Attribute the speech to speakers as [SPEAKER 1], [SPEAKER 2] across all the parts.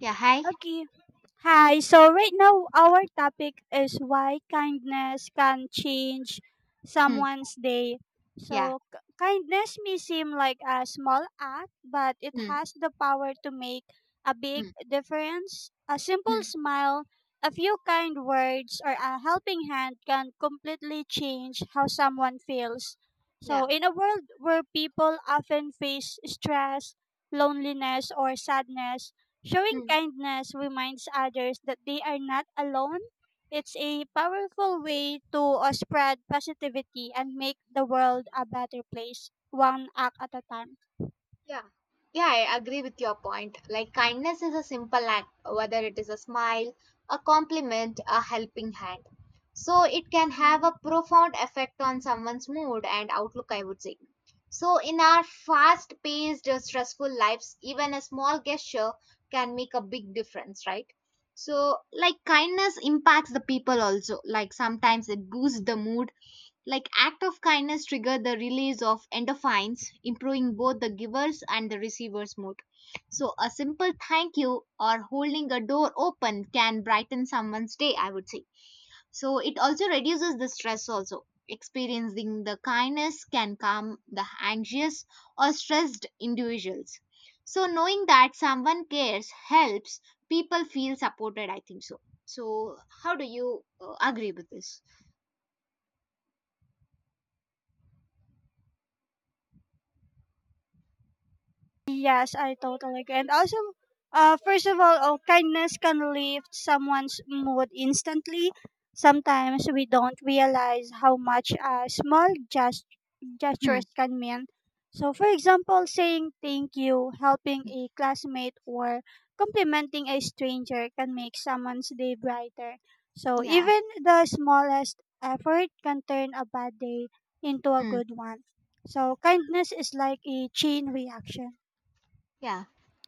[SPEAKER 1] Yeah, hi.
[SPEAKER 2] Okay. Hi. So right now our topic is why kindness can change
[SPEAKER 1] Hmm.
[SPEAKER 2] someone's day.
[SPEAKER 1] Yeah.
[SPEAKER 2] So kindness may seem like a small act, but it
[SPEAKER 1] Hmm.
[SPEAKER 2] has the power to make a big
[SPEAKER 1] Hmm.
[SPEAKER 2] difference. A simple
[SPEAKER 1] Hmm.
[SPEAKER 2] smile, a few kind words, or a helping hand can completely change how someone feels. So
[SPEAKER 1] Yeah.
[SPEAKER 2] in a world where people often face stress, loneliness, or sadness, showing
[SPEAKER 1] Hmm.
[SPEAKER 2] kindness reminds others that they are not alone. It's a powerful way to spread positivity and make the world a better place, one act at a time.
[SPEAKER 1] Yeah. Yeah, I agree with your point. Like kindness is a simple act, whether it is a smile, a compliment, a helping hand. So it can have a
[SPEAKER 2] Mm.
[SPEAKER 1] profound effect on someone's mood and outlook, I would say. So in our fast-paced, stressful lives, even a small gesture can make a big difference, right? So like kindness impacts the people also. Like sometimes it boosts the mood. Like act of kindness trigger the release of endorphins, improving both the giver's and the receiver's mood. So a simple thank you or holding a door open can brighten someone's day, I would say. So it also reduces the stress also. Experiencing the kindness can calm the anxious or stressed individuals. So knowing that someone cares helps people feel supported, I think so. So how do you agree with this?
[SPEAKER 2] Yes, I totally agree. And also, first of all, oh, kindness can lift someone's mood instantly. Sometimes we don't realize how much a small gesture
[SPEAKER 1] Hmm.
[SPEAKER 2] gestures can mean. So, for example, saying thank you, helping a classmate, or complimenting a stranger can make someone's day brighter. So,
[SPEAKER 1] Yeah.
[SPEAKER 2] even the smallest effort can turn a bad day into a
[SPEAKER 1] Hmm.
[SPEAKER 2] good one. So, kindness is like a chain reaction.
[SPEAKER 1] Yeah.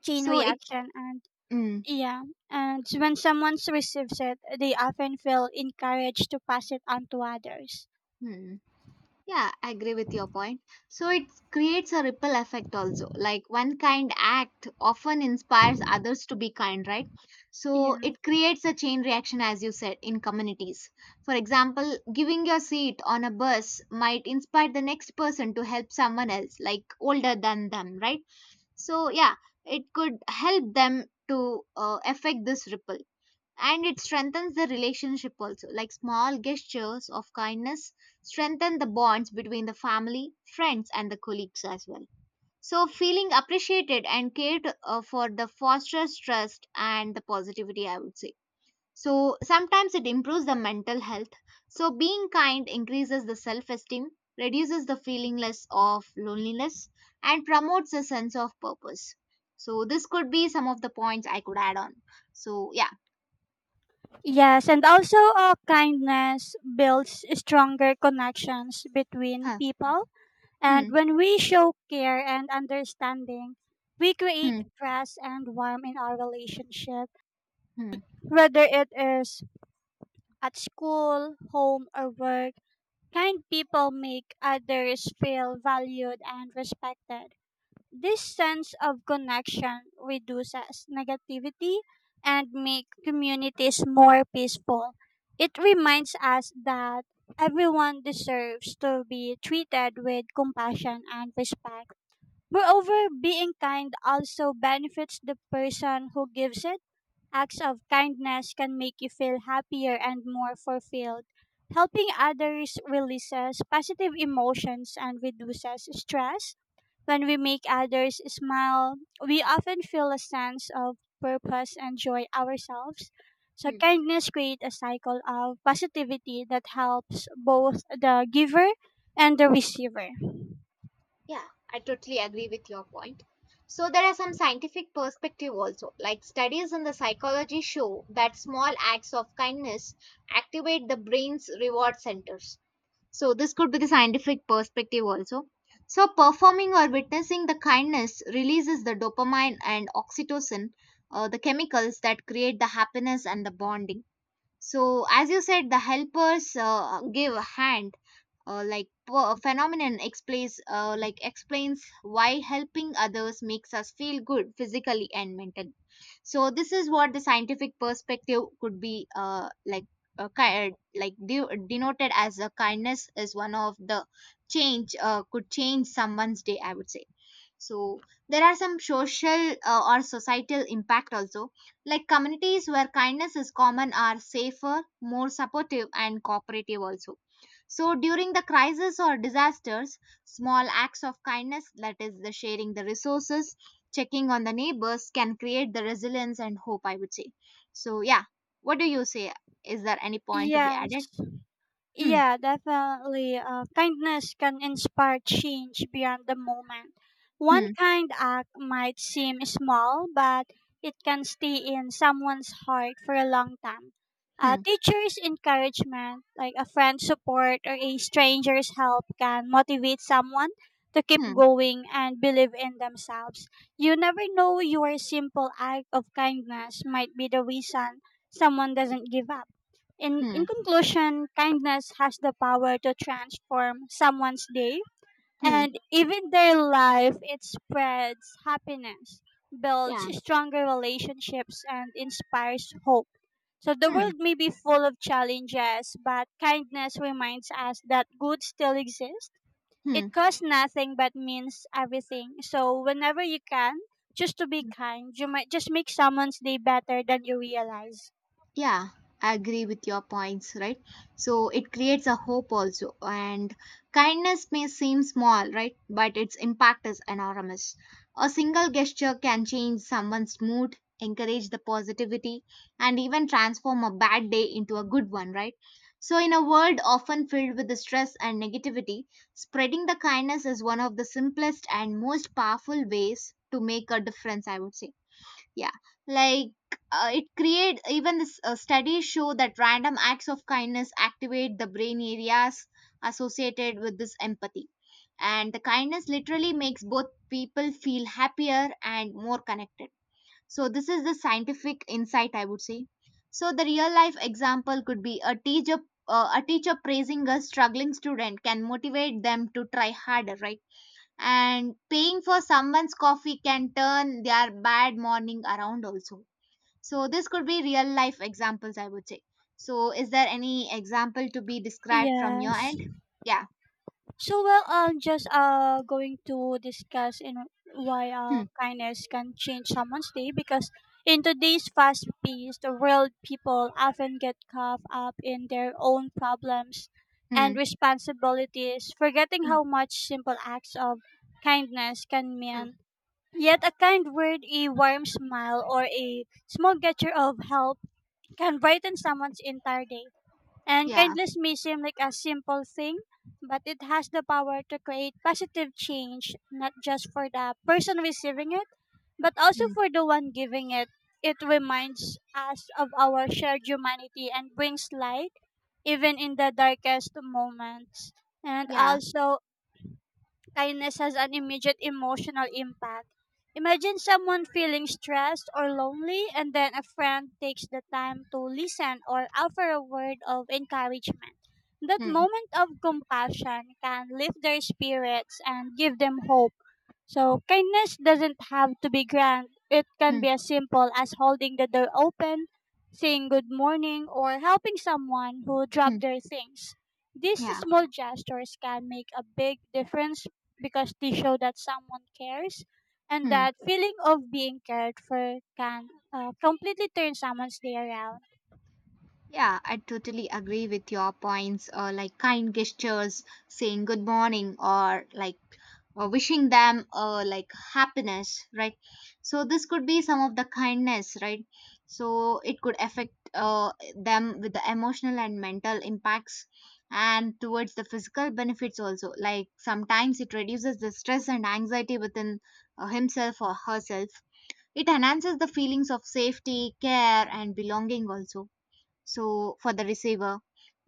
[SPEAKER 2] Chain
[SPEAKER 1] So it,
[SPEAKER 2] reaction, and
[SPEAKER 1] mm,
[SPEAKER 2] yeah, and when someone receives it, they often feel encouraged to pass it on to others.
[SPEAKER 1] hmm. Yeah, I agree with your point. So it creates a ripple effect also. Like one kind act often inspires others to be kind, right?
[SPEAKER 2] Yeah.
[SPEAKER 1] So it creates a chain reaction, as you said, in communities. For example, giving your seat on a bus might inspire the next person to help someone else, like older than them, right? So yeah, it could help them to affect this ripple, and it strengthens the relationship also, like small gestures of kindness strengthen the bonds between the family, friends, and the colleagues as well. So feeling appreciated and cared for, the fosters trust and the positivity, I would say. So sometimes it improves the mental health. So being kind increases the self esteem, reduces the feelingless of loneliness, and promotes a sense of purpose. So this could be some of the points I could add on. So yeah.
[SPEAKER 2] Yes, and also kindness builds stronger connections between
[SPEAKER 1] Huh.
[SPEAKER 2] people. And
[SPEAKER 1] Hmm.
[SPEAKER 2] when we show care and understanding, we create
[SPEAKER 1] Hmm,
[SPEAKER 2] trust and warmth in our relationship.
[SPEAKER 1] hmm,
[SPEAKER 2] Whether it is at school, home, or work, kind people make others feel valued and respected. This sense of connection reduces negativity and makes communities more peaceful. It reminds us that everyone deserves to be treated with compassion and respect. Moreover, being kind also benefits the person who gives it. Acts of kindness can make you feel happier and more fulfilled. Helping others releases positive emotions and reduces stress when we make others smile, we often feel a sense of purpose and joy ourselves. So
[SPEAKER 1] hmm.
[SPEAKER 2] kindness creates a cycle of positivity that helps both the giver and the receiver.
[SPEAKER 1] Yeah, I totally agree with your point. So there are some scientific perspective also. Like studies in the psychology show that small acts of kindness activate the brain's reward centers. So this could be the scientific perspective also. So performing or witnessing the kindness releases the dopamine and oxytocin, the chemicals that create the happiness and the bonding. So as you said, the helpers give a hand, phenomenon explains why helping others makes us feel good physically and mentally. So this is what the scientific perspective could be, uh, ki- uh, denoted as, a kindness is one of the change could change someone's day, I would say. So there are some social, or societal impact also, like communities where kindness is common are safer, more supportive, and cooperative also. So during the crisis or disasters, small acts of kindness, that is the sharing the resources, checking on the neighbors, can create the resilience and hope, I would say. So yeah, what do you say? Is there any point to be
[SPEAKER 2] Yes.
[SPEAKER 1] added? Hmm.
[SPEAKER 2] Yeah, definitely. Kindness can inspire change beyond the moment. One
[SPEAKER 1] Hmm.
[SPEAKER 2] kind act might seem small, but it can stay in someone's heart for a long time. A
[SPEAKER 1] Hmm.
[SPEAKER 2] teacher's encouragement, like a friend's support or a stranger's help, can motivate someone to keep
[SPEAKER 1] Hmm.
[SPEAKER 2] going and believe in themselves. You never know, your simple act of kindness might be the reason someone doesn't give up. In
[SPEAKER 1] Hmm.
[SPEAKER 2] conclusion, kindness has the power to transform someone's day
[SPEAKER 1] Hmm.
[SPEAKER 2] and even their life. It spreads happiness, builds
[SPEAKER 1] Yeah.
[SPEAKER 2] stronger relationships, and inspires hope. So the
[SPEAKER 1] Hmm.
[SPEAKER 2] world may be full of challenges, but kindness reminds us that good still exists. It
[SPEAKER 1] Hmm.
[SPEAKER 2] costs nothing but means everything. So whenever you can, just to be kind, you might just make someone's day better than you realize.
[SPEAKER 1] Yeah, I agree with your points, right? So it creates a hope also. And kindness may seem small, right? But its impact is enormous. A single gesture can change someone's mood, encourage the positivity, and even transform a bad day into a good one, right? So, in a world often filled with the stress and negativity, spreading the kindness is one of the simplest and most powerful ways to make a difference, I would say. Yeah, like, it create even this, studies show that random acts of kindness activate the brain areas associated with this empathy, and the kindness literally makes both people feel happier and more connected. So this is the scientific insight, I would say. So the real life example could be a teacher, a teacher praising a struggling student can motivate them to try harder, right? And paying for someone's coffee can turn their bad morning around also. So this could be real life examples, I would say. So is there any example to be described from your
[SPEAKER 2] Yes.
[SPEAKER 1] end? Yeah.
[SPEAKER 2] So well, I'm just going to discuss in why
[SPEAKER 1] Hmm.
[SPEAKER 2] kindness can change someone's day, because in today's fast-paced world, people often get caught up in their own problems and
[SPEAKER 1] Hmm.
[SPEAKER 2] responsibilities, forgetting
[SPEAKER 1] Hmm.
[SPEAKER 2] how much simple acts of kindness can
[SPEAKER 1] Hmm.
[SPEAKER 2] mean. Yet a kind word, a warm smile, or a small gesture of help can brighten someone's entire day. And
[SPEAKER 1] Yeah.
[SPEAKER 2] kindness may seem like a simple thing, but it has the power to create positive change, not just for the person receiving it, but also
[SPEAKER 1] Hmm.
[SPEAKER 2] for the one giving it. It reminds us of our shared humanity and brings light even in the darkest moments. And
[SPEAKER 1] Yeah.
[SPEAKER 2] also, kindness has an immediate emotional impact. Imagine someone feeling stressed or lonely, and then a friend takes the time to listen or offer a word of encouragement. That
[SPEAKER 1] Hmm.
[SPEAKER 2] moment of compassion can lift their spirits and give them hope. So, kindness doesn't have to be grand, it can
[SPEAKER 1] Hmm.
[SPEAKER 2] be as simple as holding the door open, saying good morning, or helping someone who dropped
[SPEAKER 1] Hmm.
[SPEAKER 2] their things. These
[SPEAKER 1] Yeah.
[SPEAKER 2] small gestures can make a big difference because they show that someone cares, and
[SPEAKER 1] Hmm.
[SPEAKER 2] that feeling of being cared for can completely turn someone's day around.
[SPEAKER 1] Yeah, I totally agree with your points, like kind gestures, saying good morning, or like, wishing them, like, happiness, right? So this could be some of the kindness, right? So it could affect them with the emotional and mental impacts, and towards the physical benefits also, like sometimes it reduces the stress and anxiety within himself or herself. It enhances the feelings of safety, care, and belonging also. So for the receiver,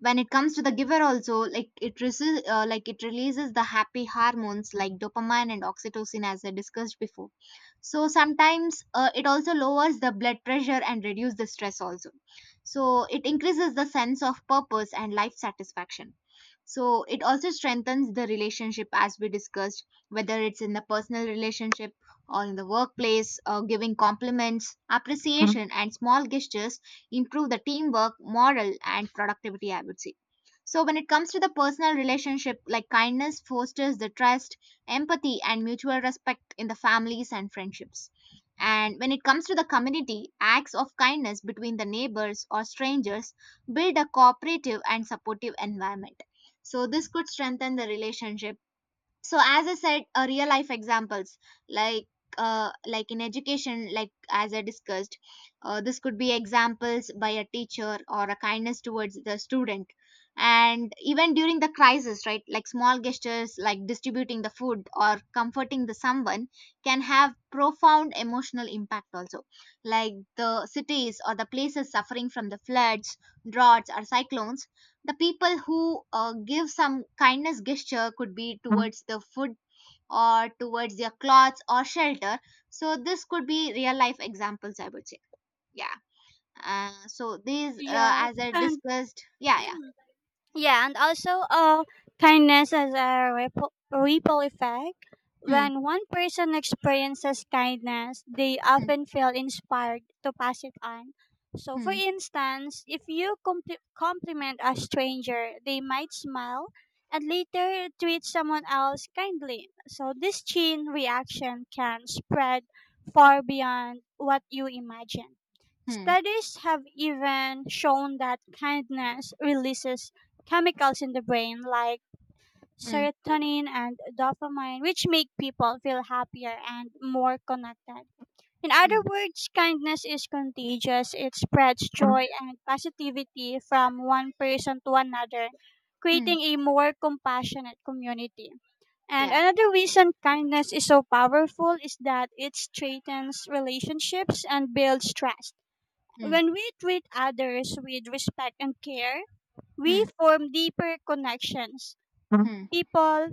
[SPEAKER 1] when it comes to the giver also, like it releases the happy hormones like dopamine and oxytocin, as I discussed before. So sometimes, it also lowers the blood pressure and reduce the stress also. So it increases the sense of purpose and life satisfaction. So it also strengthens the relationship, as we discussed, whether it's in the personal relationship or in the workplace, or giving compliments, Mhm, appreciation and small gestures improve the teamwork, moral, and productivity, I would say. So, when it comes to the personal relationship, like kindness fosters the trust, empathy, and mutual respect in the families and friendships. And when it comes to the community, acts of kindness between the neighbors or strangers build a cooperative and supportive environment. So, this could strengthen the relationship. So as I said, real life examples, like, like in education, like as I discussed, this could be examples by a teacher, or a kindness towards the student. And even during the crisis, right, like small gestures like distributing the food or comforting the someone can have profound emotional impact also. Like the cities or the places suffering from the floods, droughts, or cyclones, the people who, give some kindness gesture could be, Mhm, towards the food or towards their clothes or shelter. So this could be real life examples, I would say. Yeah, so these,
[SPEAKER 2] Yes,
[SPEAKER 1] as I
[SPEAKER 2] and
[SPEAKER 1] discussed. Yeah. Yeah.
[SPEAKER 2] yeah, and also, kindness has a ripple effect.
[SPEAKER 1] Hmm.
[SPEAKER 2] When one person experiences kindness, they
[SPEAKER 1] Hmm.
[SPEAKER 2] often feel inspired to pass it on. So, for
[SPEAKER 1] Hmm.
[SPEAKER 2] instance, if you compliment a stranger, they might smile and later treat someone else kindly. So, this chain reaction can spread far beyond what you imagine.
[SPEAKER 1] Hmm.
[SPEAKER 2] Studies have even shown that kindness releases chemicals in the brain like
[SPEAKER 1] Hmm.
[SPEAKER 2] serotonin and dopamine, which make people feel happier and more connected. In other
[SPEAKER 1] Hmm.
[SPEAKER 2] words, kindness is contagious. It spreads joy
[SPEAKER 1] Mhm.
[SPEAKER 2] and positivity from one person to another,
[SPEAKER 1] Hmm.
[SPEAKER 2] creating a more compassionate community. And
[SPEAKER 1] Yeah.
[SPEAKER 2] another reason kindness is so powerful is that it strengthens relationships and builds trust.
[SPEAKER 1] Hmm.
[SPEAKER 2] When we treat others with respect and care, we
[SPEAKER 1] Hmm.
[SPEAKER 2] form deeper connections.
[SPEAKER 1] Mhm.
[SPEAKER 2] People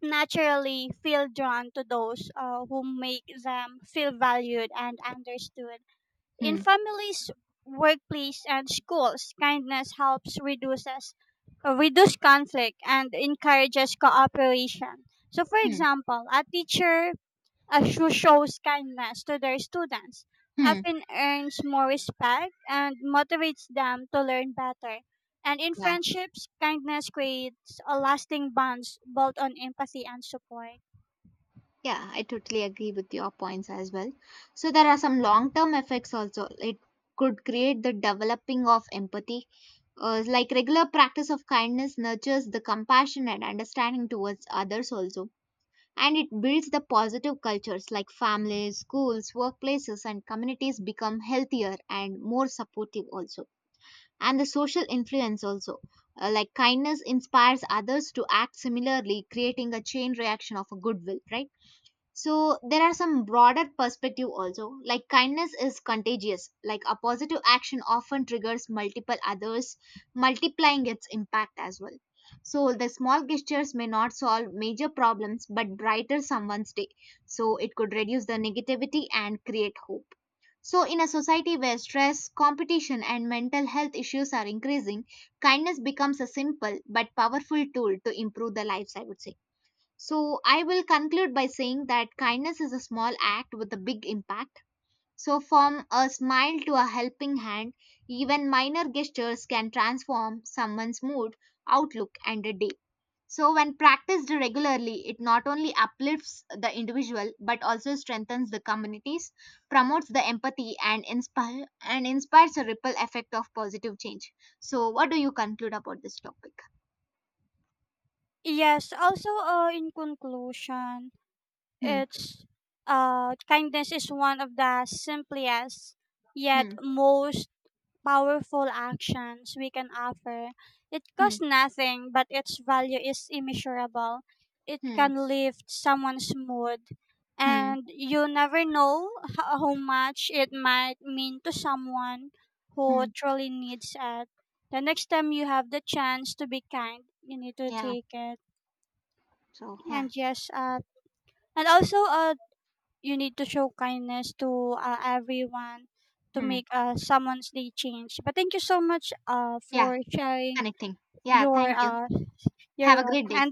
[SPEAKER 2] naturally feel drawn to those who make them feel valued and understood. In
[SPEAKER 1] Hmm.
[SPEAKER 2] families, workplace, and schools, kindness helps reduces reduce conflict and encourages cooperation. So, for
[SPEAKER 1] Hmm. Hmm.
[SPEAKER 2] example, a teacher who shows kindness to their students
[SPEAKER 1] Hmm.
[SPEAKER 2] often earns more respect and motivates them to learn better. And in
[SPEAKER 1] Yeah,
[SPEAKER 2] friendships, kindness creates a lasting bonds built on empathy and support.
[SPEAKER 1] yeah, I totally agree with your points as well. So there are some long term effects also. It could create the developing of empathy. Like regular practice of kindness nurtures the compassion and understanding towards others also. And it builds the positive cultures like families, schools, workplaces, and communities become healthier and more supportive also. And the social influence also. Like kindness inspires others to act similarly, creating a chain reaction of a goodwill, right? So there are some broader perspective also. Like kindness is contagious. Like a positive action often triggers multiple others, multiplying its impact as well. So the small gestures may not solve major problems but brighter someone's day. So it could reduce the negativity and create hope. So in a society where stress, competition, and mental health issues are increasing, kindness becomes a simple but powerful tool to improve the lives, I would say. So, I will conclude by saying that kindness is a small act with a big impact. So, from a smile to a helping hand, even minor gestures can transform someone's mood, outlook, and a day. So, when practiced regularly, it not only uplifts the individual but also strengthens the communities, promotes the empathy, and inspires a ripple effect of positive change. So, what do you conclude about this topic?
[SPEAKER 2] Yes, also in conclusion,
[SPEAKER 1] Hmm,
[SPEAKER 2] it's kindness is one of the simplest yet
[SPEAKER 1] hmm,
[SPEAKER 2] most powerful actions we can offer. It
[SPEAKER 1] hmm,
[SPEAKER 2] costs nothing, but its value is immeasurable. It
[SPEAKER 1] hmm,
[SPEAKER 2] can lift someone's mood,
[SPEAKER 1] hmm,
[SPEAKER 2] and you never know how much it might mean to someone who
[SPEAKER 1] hmm.
[SPEAKER 2] truly needs it. The next time you have the chance to be kind, you need to
[SPEAKER 1] Yeah.
[SPEAKER 2] take it.
[SPEAKER 1] So yeah,
[SPEAKER 2] And yes, and also you need to show kindness to everyone to
[SPEAKER 1] hmm,
[SPEAKER 2] make someone's day change. But thank you so much
[SPEAKER 1] yeah,
[SPEAKER 2] for sharing
[SPEAKER 1] connecting. Yeah,
[SPEAKER 2] your
[SPEAKER 1] thank you.
[SPEAKER 2] uh, your
[SPEAKER 1] Have a great
[SPEAKER 2] welcome
[SPEAKER 1] day.
[SPEAKER 2] and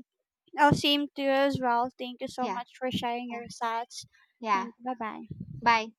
[SPEAKER 2] same to you as well. Thank you so
[SPEAKER 1] Yeah,
[SPEAKER 2] much for sharing
[SPEAKER 1] yeah,
[SPEAKER 2] your thoughts.
[SPEAKER 1] yeah.
[SPEAKER 2] Thank you. Bye bye.
[SPEAKER 1] Bye.